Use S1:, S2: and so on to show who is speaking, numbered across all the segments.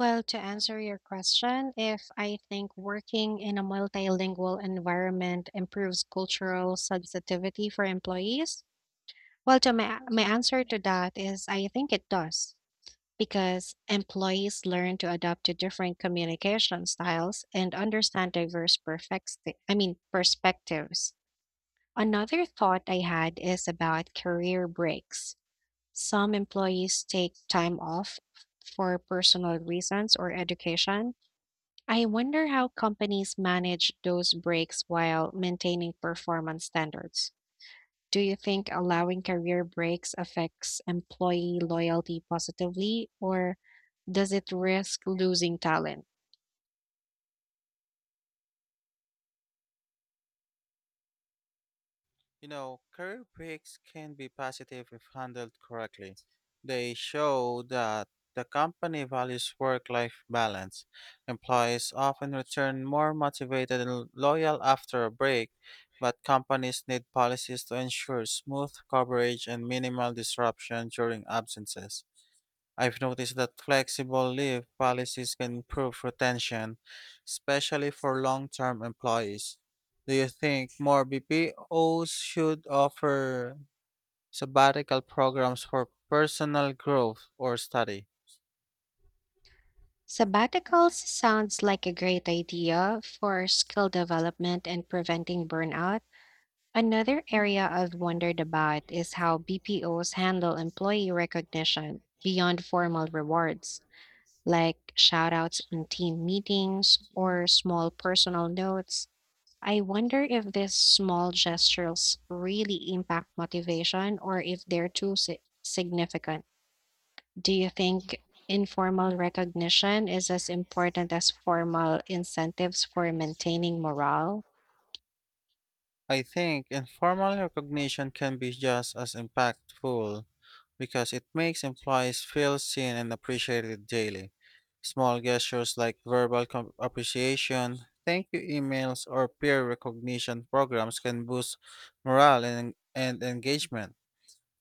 S1: Well, to answer your question, if I think working in a multilingual environment improves cultural sensitivity for employees, well, to my answer to that is I think it does because employees learn to adapt to different communication styles and understand diverse perspectives. Another thought I had is about career breaks. Some employees take time off for personal reasons or education. I wonder how companies manage those breaks while maintaining performance standards. Do you think allowing career breaks affects employee loyalty positively, or does it risk losing talent?
S2: You know, career breaks can be positive if handled correctly. They show that the company values work life balance. Employees often return more motivated and loyal after a break, but companies need policies to ensure smooth coverage and minimal disruption during absences. I've noticed that flexible leave policies can improve retention, especially for long term employees. Do you think more BPOs should offer sabbatical programs for personal growth or study?
S1: Sabbaticals sounds like a great idea for skill development and preventing burnout. Another area I've wondered about is how BPOs handle employee recognition beyond formal rewards, like shoutouts in team meetings or small personal notes. I wonder if these small gestures really impact motivation or if they're significant. Do you think informal recognition is as important as formal incentives for maintaining morale?
S2: I think informal recognition can be just as impactful, because it makes employees feel seen and appreciated daily. Small gestures like appreciation, thank you emails, or peer recognition programs can boost morale and engagement.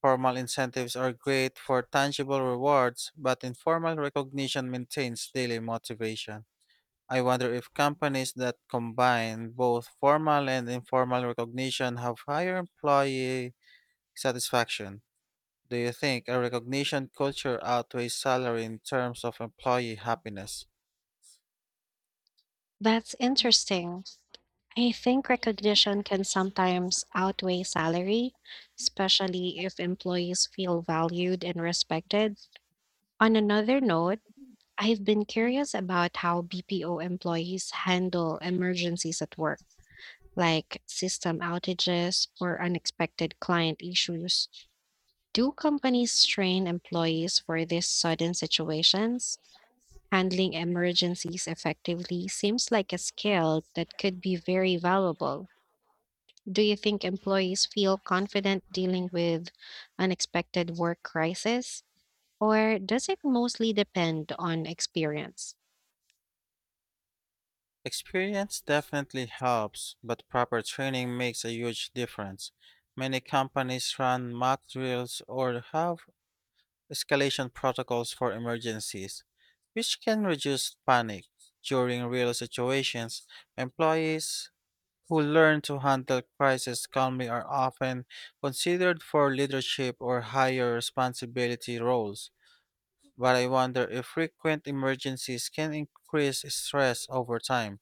S2: Formal incentives are great for tangible rewards, but informal recognition maintains daily motivation. I wonder if companies that combine both formal and informal recognition have higher employee satisfaction. Do you think a recognition culture outweighs salary in terms of employee happiness?
S1: That's interesting. I think recognition can sometimes outweigh salary, especially if employees feel valued and respected. On another note, I've been curious about how BPO employees handle emergencies at work, like system outages or unexpected client issues. Do companies train employees for these sudden situations? Handling emergencies effectively seems like a skill that could be very valuable. Do you think employees feel confident dealing with unexpected work crisis, or does it mostly depend on experience?
S2: Experience definitely helps, but proper training makes a huge difference. Many companies run mock drills or have escalation protocols for emergencies, which can reduce panic. During real situations, employees who learn to handle crises calmly are often considered for leadership or higher responsibility roles. But I wonder if frequent emergencies can increase stress over time.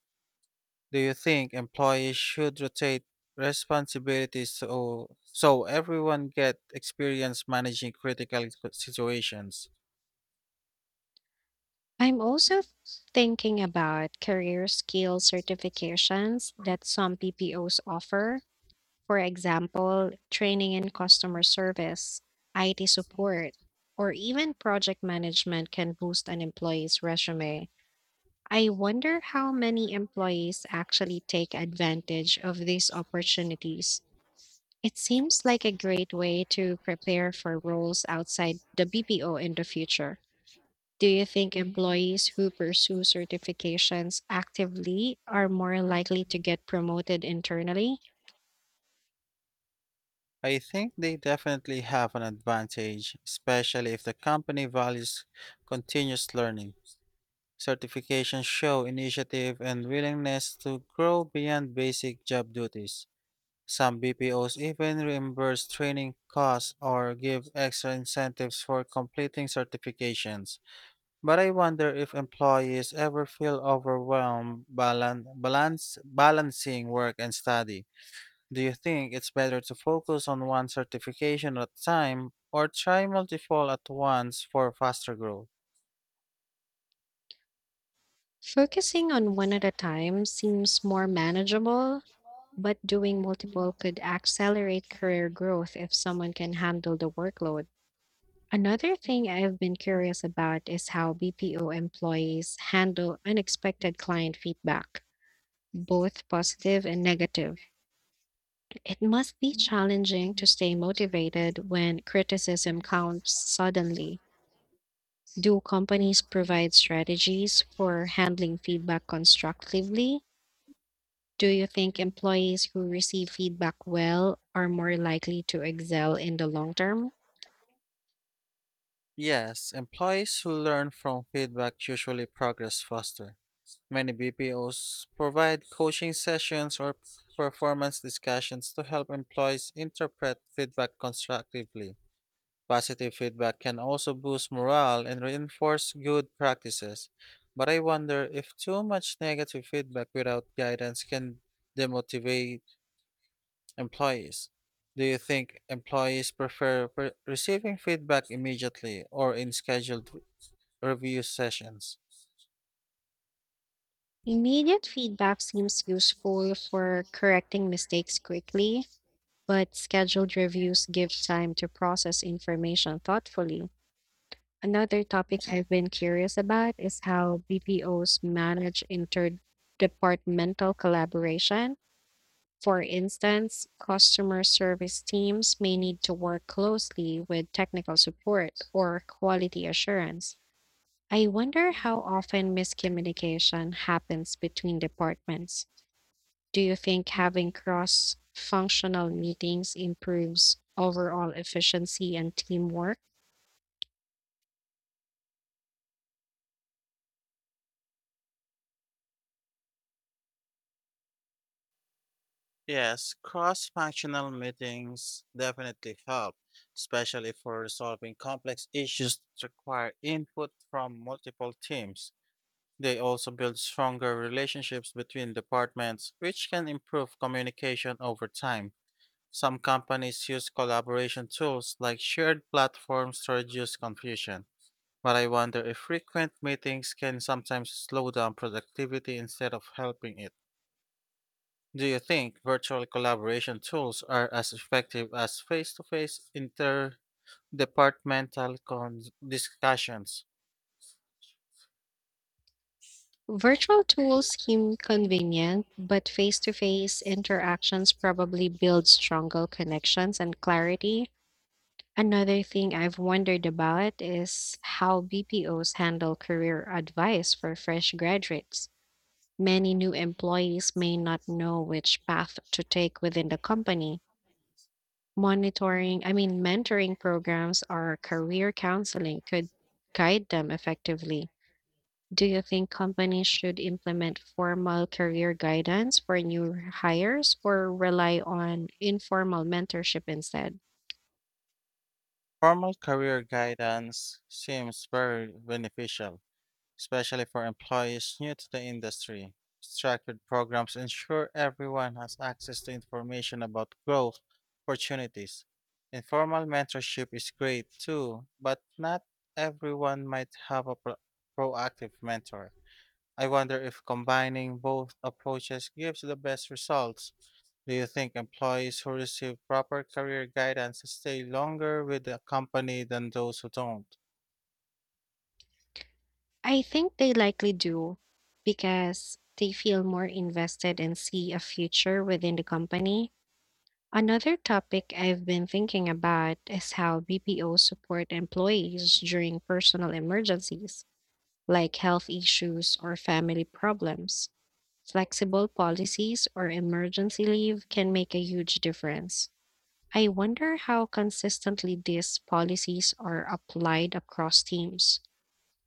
S2: Do you think employees should rotate responsibilities so everyone get experience managing critical situations?
S1: I'm also thinking about career skill certifications that some PPOs offer. For example, training in customer service, IT support, or even project management can boost an employee's resume. I wonder how many employees actually take advantage of these opportunities. It seems like a great way to prepare for roles outside the BPO in the future. Do you think employees who pursue certifications actively are more likely to get promoted internally?
S2: I think they definitely have an advantage, especially if the company values continuous learning. Certifications show initiative and willingness to grow beyond basic job duties. Some BPOs even reimburse training costs or give extra incentives for completing certifications. But I wonder if employees ever feel overwhelmed balancing work and study. Do you think it's better to focus on one certification at a time or try multiple at once for faster growth?
S1: Focusing on one at a time seems more manageable, but doing multiple could accelerate career growth if someone can handle the workload. Another thing I've been curious about is how BPO employees handle unexpected client feedback, both positive and negative. It must be challenging to stay motivated when criticism counts suddenly. Do companies provide strategies for handling feedback constructively? Do you think employees who receive feedback well are more likely to excel in the long term?
S2: Yes, employees who learn from feedback usually progress faster. Many BPOs provide coaching sessions or performance discussions to help employees interpret feedback constructively. Positive feedback can also boost morale and reinforce good practices. But I wonder if too much negative feedback without guidance can demotivate employees. Do you think employees prefer receiving feedback immediately or in scheduled review sessions?
S1: Immediate feedback seems useful for correcting mistakes quickly, but scheduled reviews give time to process information thoughtfully. Another topic I've been curious about is how BPOs manage interdepartmental collaboration. For instance, customer service teams may need to work closely with technical support or quality assurance. I wonder how often miscommunication happens between departments. Do you think having cross functional meetings improves overall efficiency and teamwork?
S2: Yes, cross functional meetings definitely help, especially for resolving complex issues that require input from multiple teams. They also build stronger relationships between departments, which can improve communication over time. Some companies use collaboration tools like shared platforms to reduce confusion. But I wonder if frequent meetings can sometimes slow down productivity instead of helping it. Do you think virtual collaboration tools are as effective as face to face interdepartmental discussions?
S1: Virtual tools seem convenient, but face-to-face interactions probably build stronger connections and clarity. Another thing I've wondered about is how BPOs handle career advice for fresh graduates. Many new employees may not know which path to take within the company. Mentoring programs or career counseling could guide them effectively. Do you think companies should implement formal career guidance for new hires or rely on informal mentorship instead?
S2: Formal career guidance seems very beneficial, especially for employees new to the industry. Structured programs ensure everyone has access to information about growth opportunities. Informal mentorship is great too, but not everyone might have a proactive mentor. I wonder if combining both approaches gives the best results. Do you think employees who receive proper career guidance stay longer with the company than those who don't?
S1: I think they likely do because they feel more invested and see a future within the company. Another topic I've been thinking about is how BPOs support employees during personal emergencies, like health issues or family problems. Flexible policies or emergency leave can make a huge difference. I wonder how consistently these policies are applied across teams.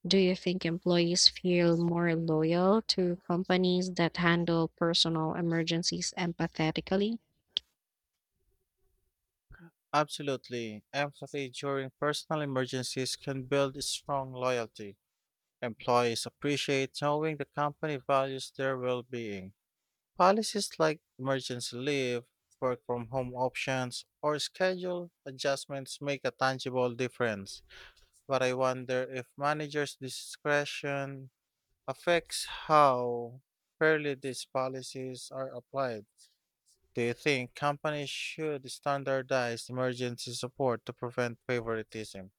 S1: Do you think employees feel more loyal to companies that handle personal emergencies empathetically?
S2: Absolutely. Empathy during personal emergencies can build strong loyalty. Employees appreciate knowing the company values their well being. Policies like emergency leave, work from home options, or schedule adjustments make a tangible difference, but I wonder if managers' discretion affects how fairly these policies are applied. Do you think companies should standardize emergency support to prevent favoritism?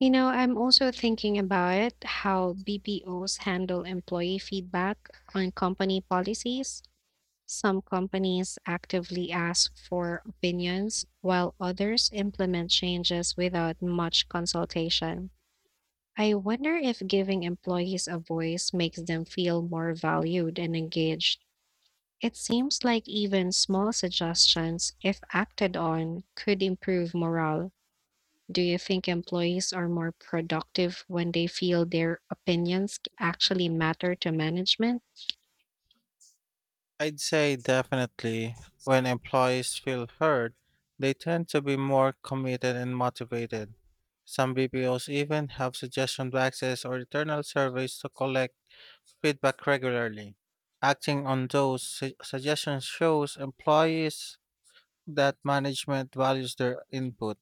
S1: You know, I'm also thinking about how BPOs handle employee feedback on company policies. Some companies actively ask for opinions, while others implement changes without much consultation. I wonder if giving employees a voice makes them feel more valued and engaged. It seems like even small suggestions, if acted on, could improve morale. Do you think employees are more productive when they feel their opinions actually matter to management?
S2: I'd say definitely. When employees feel heard, they tend to be more committed and motivated. Some BPOs even have suggestion boxes or internal surveys to collect feedback regularly. Acting on those suggestions shows employees that management values their input.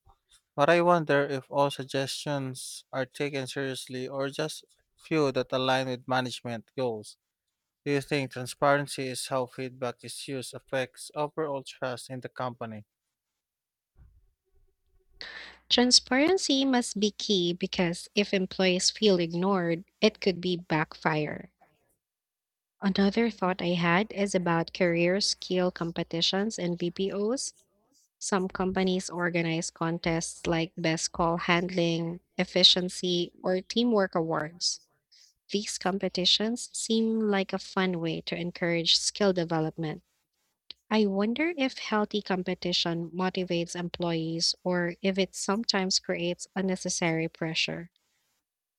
S2: But I wonder if all suggestions are taken seriously or just few that align with management goals. Do you think transparency is how feedback is used affects overall trust in the company?
S1: Transparency must be key because if employees feel ignored, it could be backfire. Another thought I had is about career skill competitions and BPOs. Some companies organize contests like best call handling, efficiency, or teamwork awards. These competitions seem like a fun way to encourage skill development. I wonder if healthy competition motivates employees or if it sometimes creates unnecessary pressure.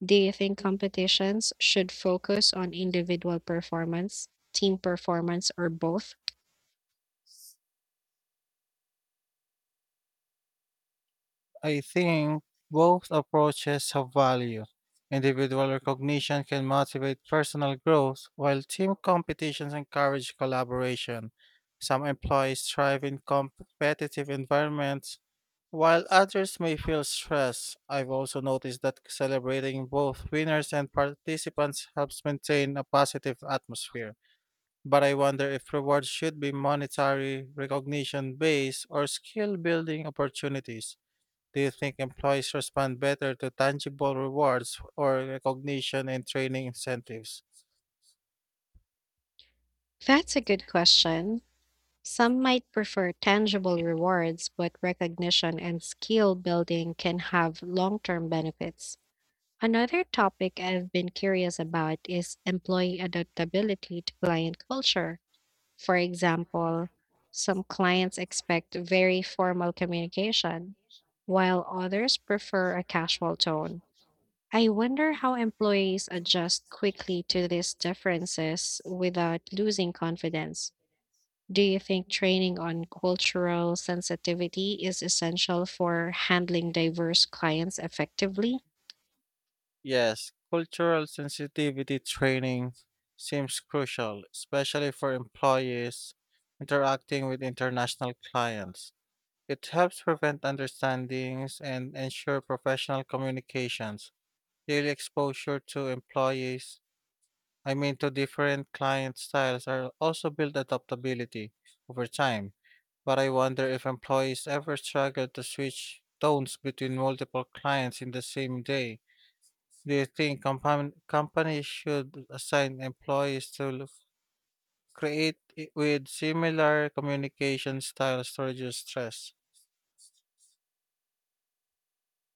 S1: Do you think competitions should focus on individual performance, team performance, or both?
S2: I think both approaches have value. Individual recognition can motivate personal growth, while team competitions encourage collaboration. Some employees thrive in competitive environments, while others may feel stress. I've also noticed that celebrating both winners and participants helps maintain a positive atmosphere. But I wonder if rewards should be monetary, recognition based, or skill building opportunities. Do you think employees respond better to tangible rewards or recognition and training incentives?
S1: That's a good question. Some might prefer tangible rewards, but recognition and skill building can have long term benefits. Another topic I've been curious about is employee adaptability to client culture. For example, some clients expect very formal communication, while others prefer a casual tone. I wonder how employees adjust quickly to these differences without losing confidence. Do you think training on cultural sensitivity is essential for handling diverse clients effectively?
S2: Yes, cultural sensitivity training seems crucial, especially for employees interacting with international clients. It helps prevent understandings and ensure professional communications. Daily exposure to employees, two different client styles are also built adaptability over time, but I wonder if employees ever struggle to switch tones between multiple clients in the same day. Do you think companies should assign employees to with similar communication styles to reduce stress?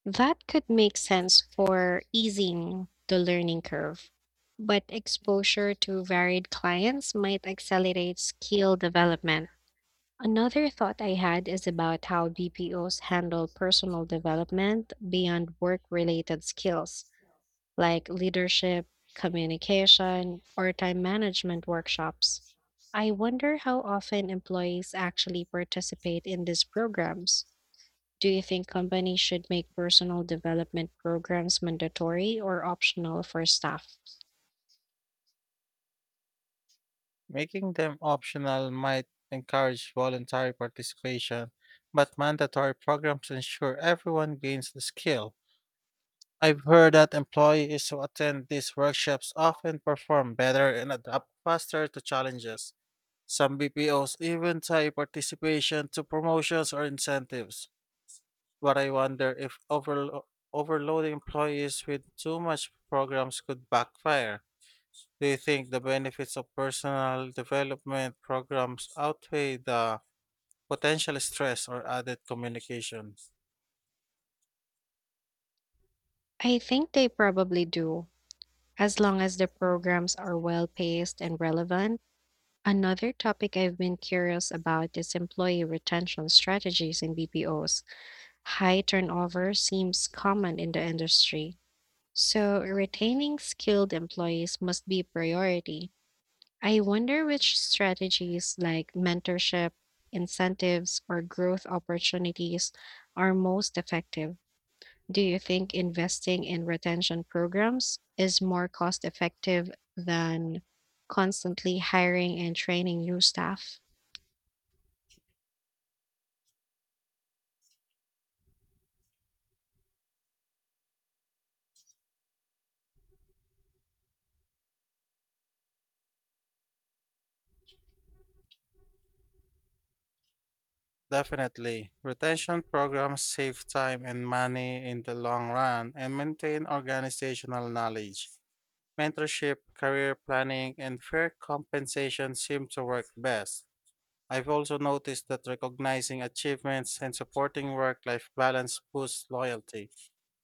S1: That could make sense for easing the learning curve, but exposure to varied clients might accelerate skill development. Another thought I had is about how BPOs handle personal development beyond work related skills, like leadership, communication, or time management workshops. I wonder how often employees actually participate in these programs. Do you think companies should make personal development programs mandatory or optional for staff?
S2: Making them optional might encourage voluntary participation, but mandatory programs ensure everyone gains the skill. I've heard that employees who attend these workshops often perform better and adapt faster to challenges. Some BPOs even tie participation to promotions or incentives. But I wonder if overloading employees with too much programs could backfire. Do you think the benefits of personal development programs outweigh the potential stress or added communication?
S1: I think they probably do, as long as the programs are well paced and relevant. Another topic I've been curious about is employee retention strategies in BPOs. High turnover seems common in the industry, so retaining skilled employees must be a priority. I wonder which strategies like mentorship, incentives, or growth opportunities are most effective. Do you think investing in retention programs is more cost effective than constantly hiring and training new staff?
S2: Definitely. Retention programs save time and money in the long run and maintain organizational knowledge. Mentorship, career planning, and fair compensation seem to work best. I've also noticed that recognizing achievements and supporting work life balance boosts loyalty.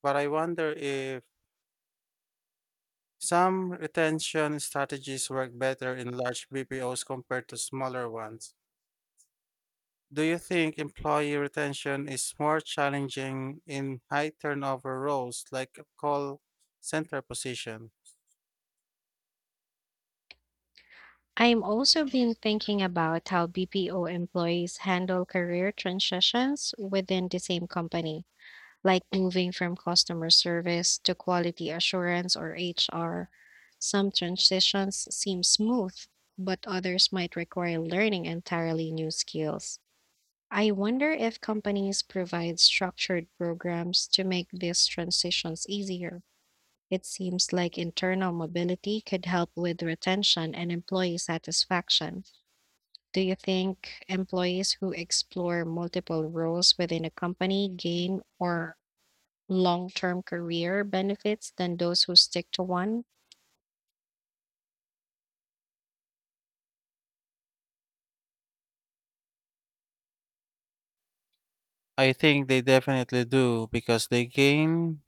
S2: But I wonder if some retention strategies work better in large BPOs compared to smaller ones. Do you think employee retention is more challenging in high turnover roles like a call center position?
S1: I'm also been thinking about how BPO employees handle career transitions within the same company, like moving from customer service to quality assurance or HR. Some transitions seem smooth, but others might require learning entirely new skills. I wonder if companies provide structured programs to make these transitions easier. It seems like internal mobility could help with retention and employee satisfaction. Do you think employees who explore multiple roles within a company gain or long-term career benefits than those who stick to one?
S2: I think they definitely do because they gain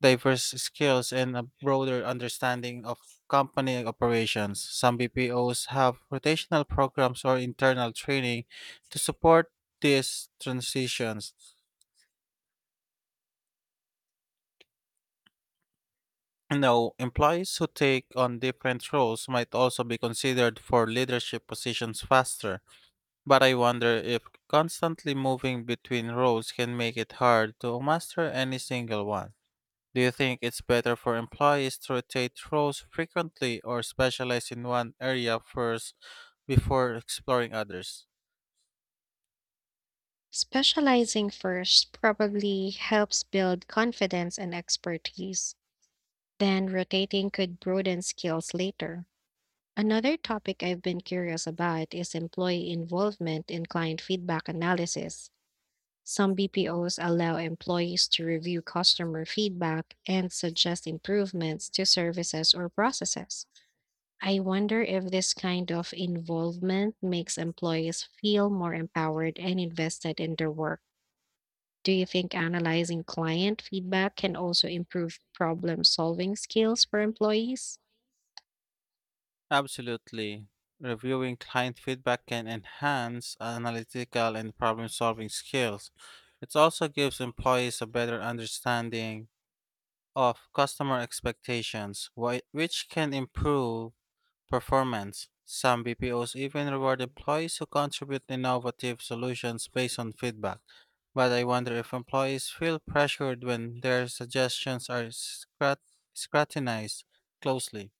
S2: diverse skills and a broader understanding of company operations. Some BPOs have rotational programs or internal training to support these transitions. No, employees who take on different roles might also be considered for leadership positions faster. But I wonder if constantly moving between roles can make it hard to master any single one. Do you think it's better for employees to rotate roles frequently or specialize in one area first before exploring others?
S1: Specializing first probably helps build confidence and expertise. Then rotating could broaden skills later. Another topic I've been curious about is employee involvement in client feedback analysis. Some BPOs allow employees to review customer feedback and suggest improvements to services or processes. I wonder if this kind of involvement makes employees feel more empowered and invested in their work. Do you think analyzing client feedback can also improve problem solving skills for employees?
S2: Absolutely. Reviewing client feedback can enhance analytical and problem solving skills. It also gives employees a better understanding of customer expectations, which can improve performance. Some BPOs even reward employees who contribute innovative solutions based on feedback. But I wonder if employees feel pressured when their suggestions are scrutinized closely.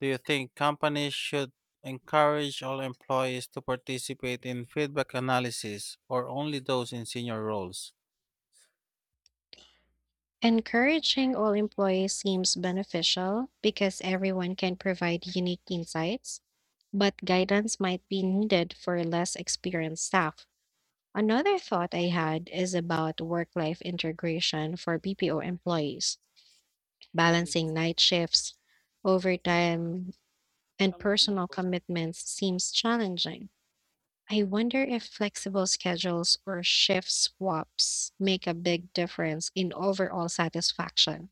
S2: Do you think companies should encourage all employees to participate in feedback analysis or only those in senior roles?
S1: Encouraging all employees seems beneficial because everyone can provide unique insights, but guidance might be needed for less experienced staff. Another thought I had is about work life integration for BPO employees. Balancing night shifts, overtime, and personal commitments seems challenging. I wonder if flexible schedules or shift swaps make a big difference in overall satisfaction.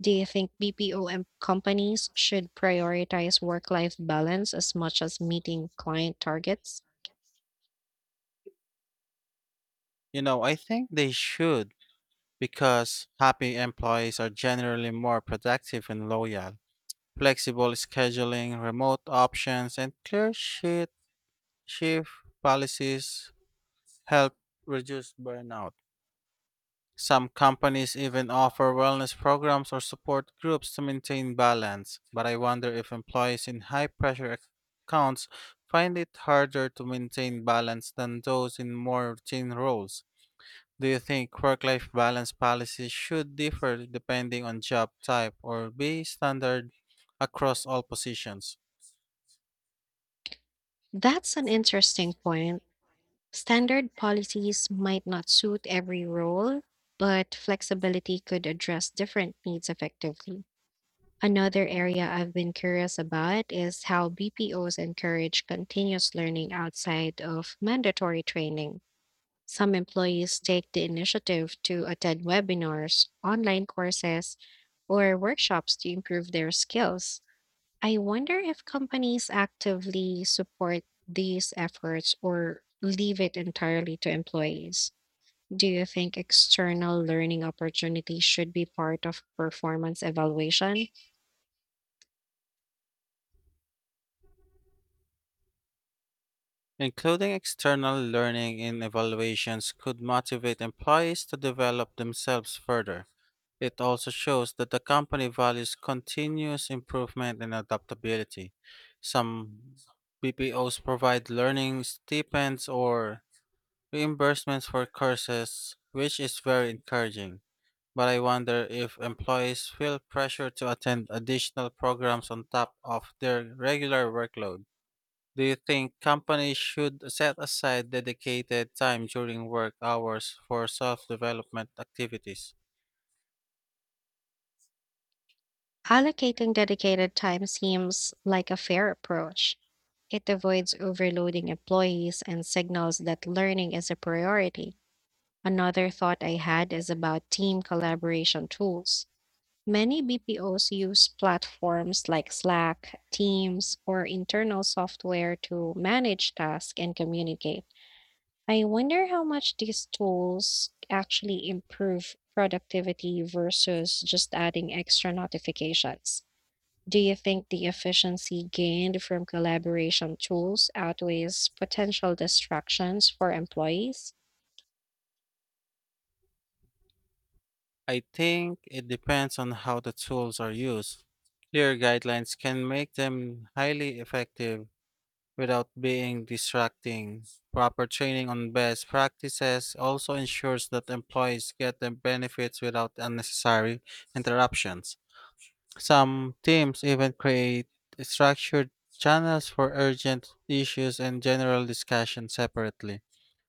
S1: Do you think companies should prioritize work life balance as much as meeting client targets?
S2: You know, I think they should because happy employees are generally more productive and loyal. Flexible scheduling, remote options, and clear shift policies help reduce burnout. Some companies even offer wellness programs or support groups to maintain balance, but I wonder if employees in high pressure accounts find it harder to maintain balance than those in more routine roles. Do you think work life balance policies should differ depending on job type or be standard across all positions?
S1: That's an interesting point. Standard policies might not suit every role, but flexibility could address different needs effectively. Another area I've been curious about is how BPOs encourage continuous learning outside of mandatory training. Some employees take the initiative to attend webinars, online courses, or workshops to improve their skills. I wonder if companies actively support these efforts or leave it entirely to employees. Do you think external learning opportunities should be part of performance evaluation?
S2: Including external learning in evaluations could motivate employees to develop themselves further. It also shows that the company values continuous improvement and adaptability. Some BPOs provide learning stipends or reimbursements for courses, which is very encouraging. But I wonder if employees feel pressure to attend additional programs on top of their regular workload. Do you think companies should set aside dedicated time during work hours for self development activities?
S1: Allocating dedicated time seems like a fair approach. It avoids overloading employees and signals that learning is a priority. Another thought I had is about team collaboration tools. Many BPOs use platforms like Slack, Teams, or internal software to manage tasks and communicate. I wonder how much these tools actually improve productivity versus just adding extra notifications. Do you think the efficiency gained from collaboration tools outweighs potential distractions for employees?
S2: I think it depends on how the tools are used. Clear guidelines can make them highly effective without being distracting. Proper training on best practices also ensures that employees get the benefits without unnecessary interruptions. Some teams even create structured channels for urgent issues and general discussion separately.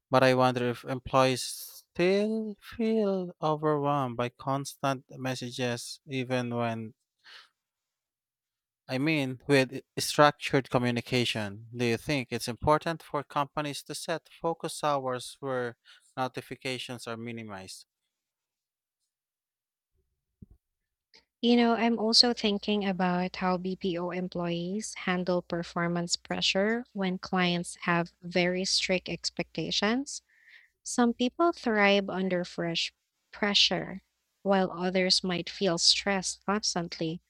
S2: But I wonder if employees still feel overwhelmed by constant messages even when, with structured communication, do you think it's important for companies to set focus hours where notifications are minimized?
S1: You know, I'm also thinking about how BPO employees handle performance pressure when clients have very strict expectations. Some people thrive under fresh pressure, while others might feel stressed constantly.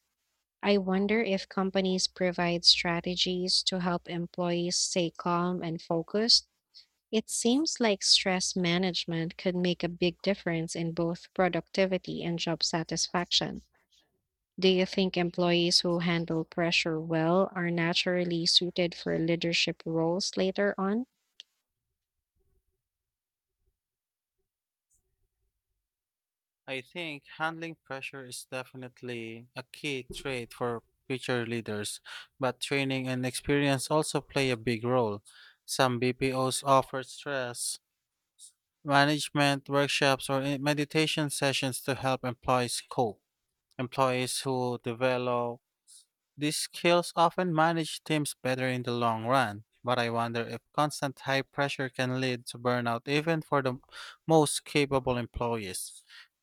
S1: I wonder if companies provide strategies to help employees stay calm and focused. It seems like stress management could make a big difference in both productivity and job satisfaction. Do you think employees who handle pressure well are naturally suited for leadership roles later on?
S2: I think handling pressure is definitely a key trait for future leaders, but training and experience also play a big role. Some BPOs offer stress management workshops or meditation sessions to help employees cope. Employees who develop these skills often manage teams better in the long run, but I wonder if constant high pressure can lead to burnout even for the most capable employees.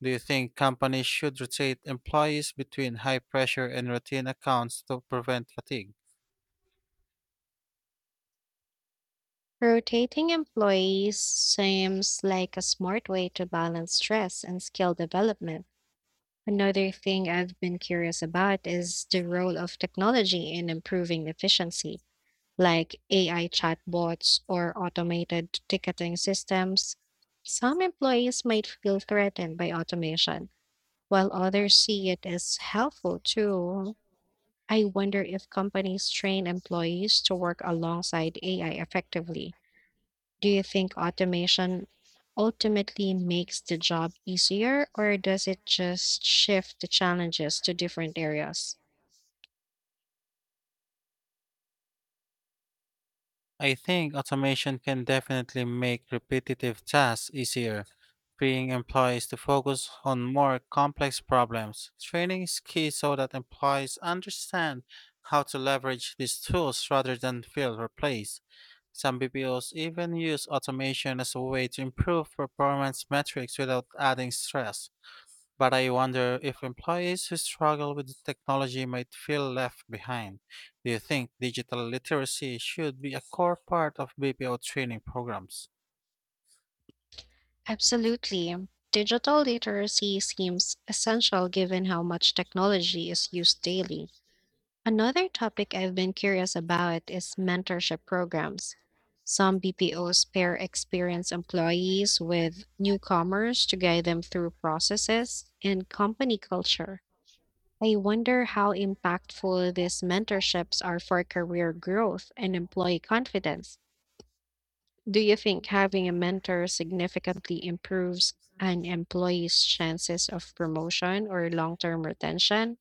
S2: Do you think companies should rotate employees between high pressure and routine accounts to prevent fatigue?
S1: Rotating employees seems like a smart way to balance stress and skill development. Another thing I've been curious about is the role of technology in improving efficiency, like AI chatbots or automated ticketing systems. Some employees might feel threatened by automation while others see it as helpful too. I wonder if companies train employees to work alongside AI effectively. Do you think automation ultimately makes the job easier, or does it just shift the challenges to different areas?
S2: I think automation can definitely make repetitive tasks easier, freeing employees to focus on more complex problems. Training is key so that employees understand how to leverage these tools rather than feel replaced. Some BPOs even use automation as a way to improve performance metrics without adding stress. But I wonder if employees who struggle with the technology might feel left behind. Do you think digital literacy should be a core part of BPO training programs?
S1: Absolutely. Digital literacy seems essential given how much technology is used daily. Another topic I've been curious about is mentorship programs. Some BPOs pair experienced employees with newcomers to guide them through processes and company culture. I wonder how impactful these mentorships are for career growth and employee confidence. Do you think having a mentor significantly improves an employee's chances of promotion or long term retention?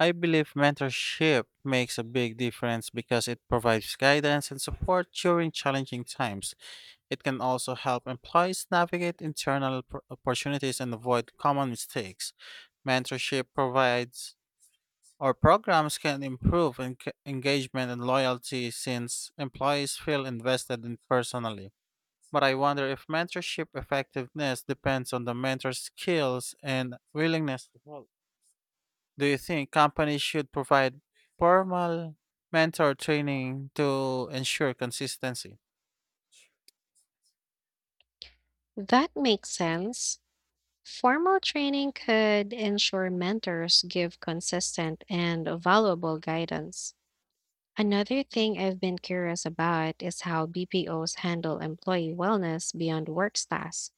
S2: I believe mentorship makes a big difference because it provides guidance and support during challenging times. It can also help employees navigate internal opportunities and avoid common mistakes. Mentorship provides our programs can improve engagement and loyalty since employees feel invested in personally. But I wonder if mentorship effectiveness depends on the mentor's skills and willingness to help. Do you think companies should provide formal mentor training to ensure consistency?
S1: That makes sense. Formal training could ensure mentors give consistent and valuable guidance. Another thing I've been curious about is how BPOs handle employee wellness beyond work tasks,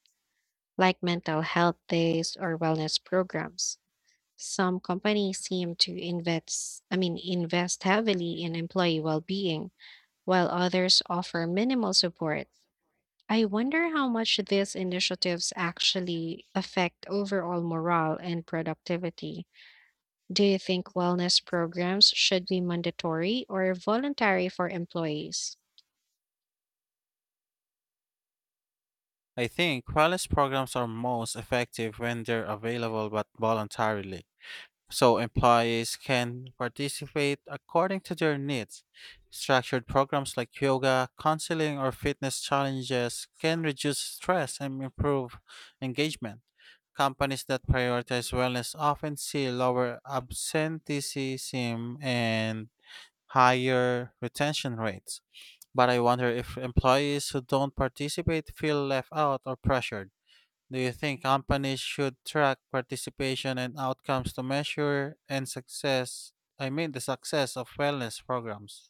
S1: like mental health days or wellness programs. Some companies seem to invest heavily in employee well-being, while others offer minimal support. I wonder how much these initiatives actually affect overall morale and productivity. Do you think wellness programs should be mandatory or voluntary for employees?
S2: I think wellness programs are most effective when they're available but voluntarily, so employees can participate according to their needs. Structured programs like yoga, counseling, or fitness challenges can reduce stress and improve engagement. Companies that prioritize wellness often see lower absenteeism and higher retention rates. But I wonder if employees who don't participate feel left out or pressured. Do you think companies should track participation and outcomes to measure and success? I mean, the success of wellness programs.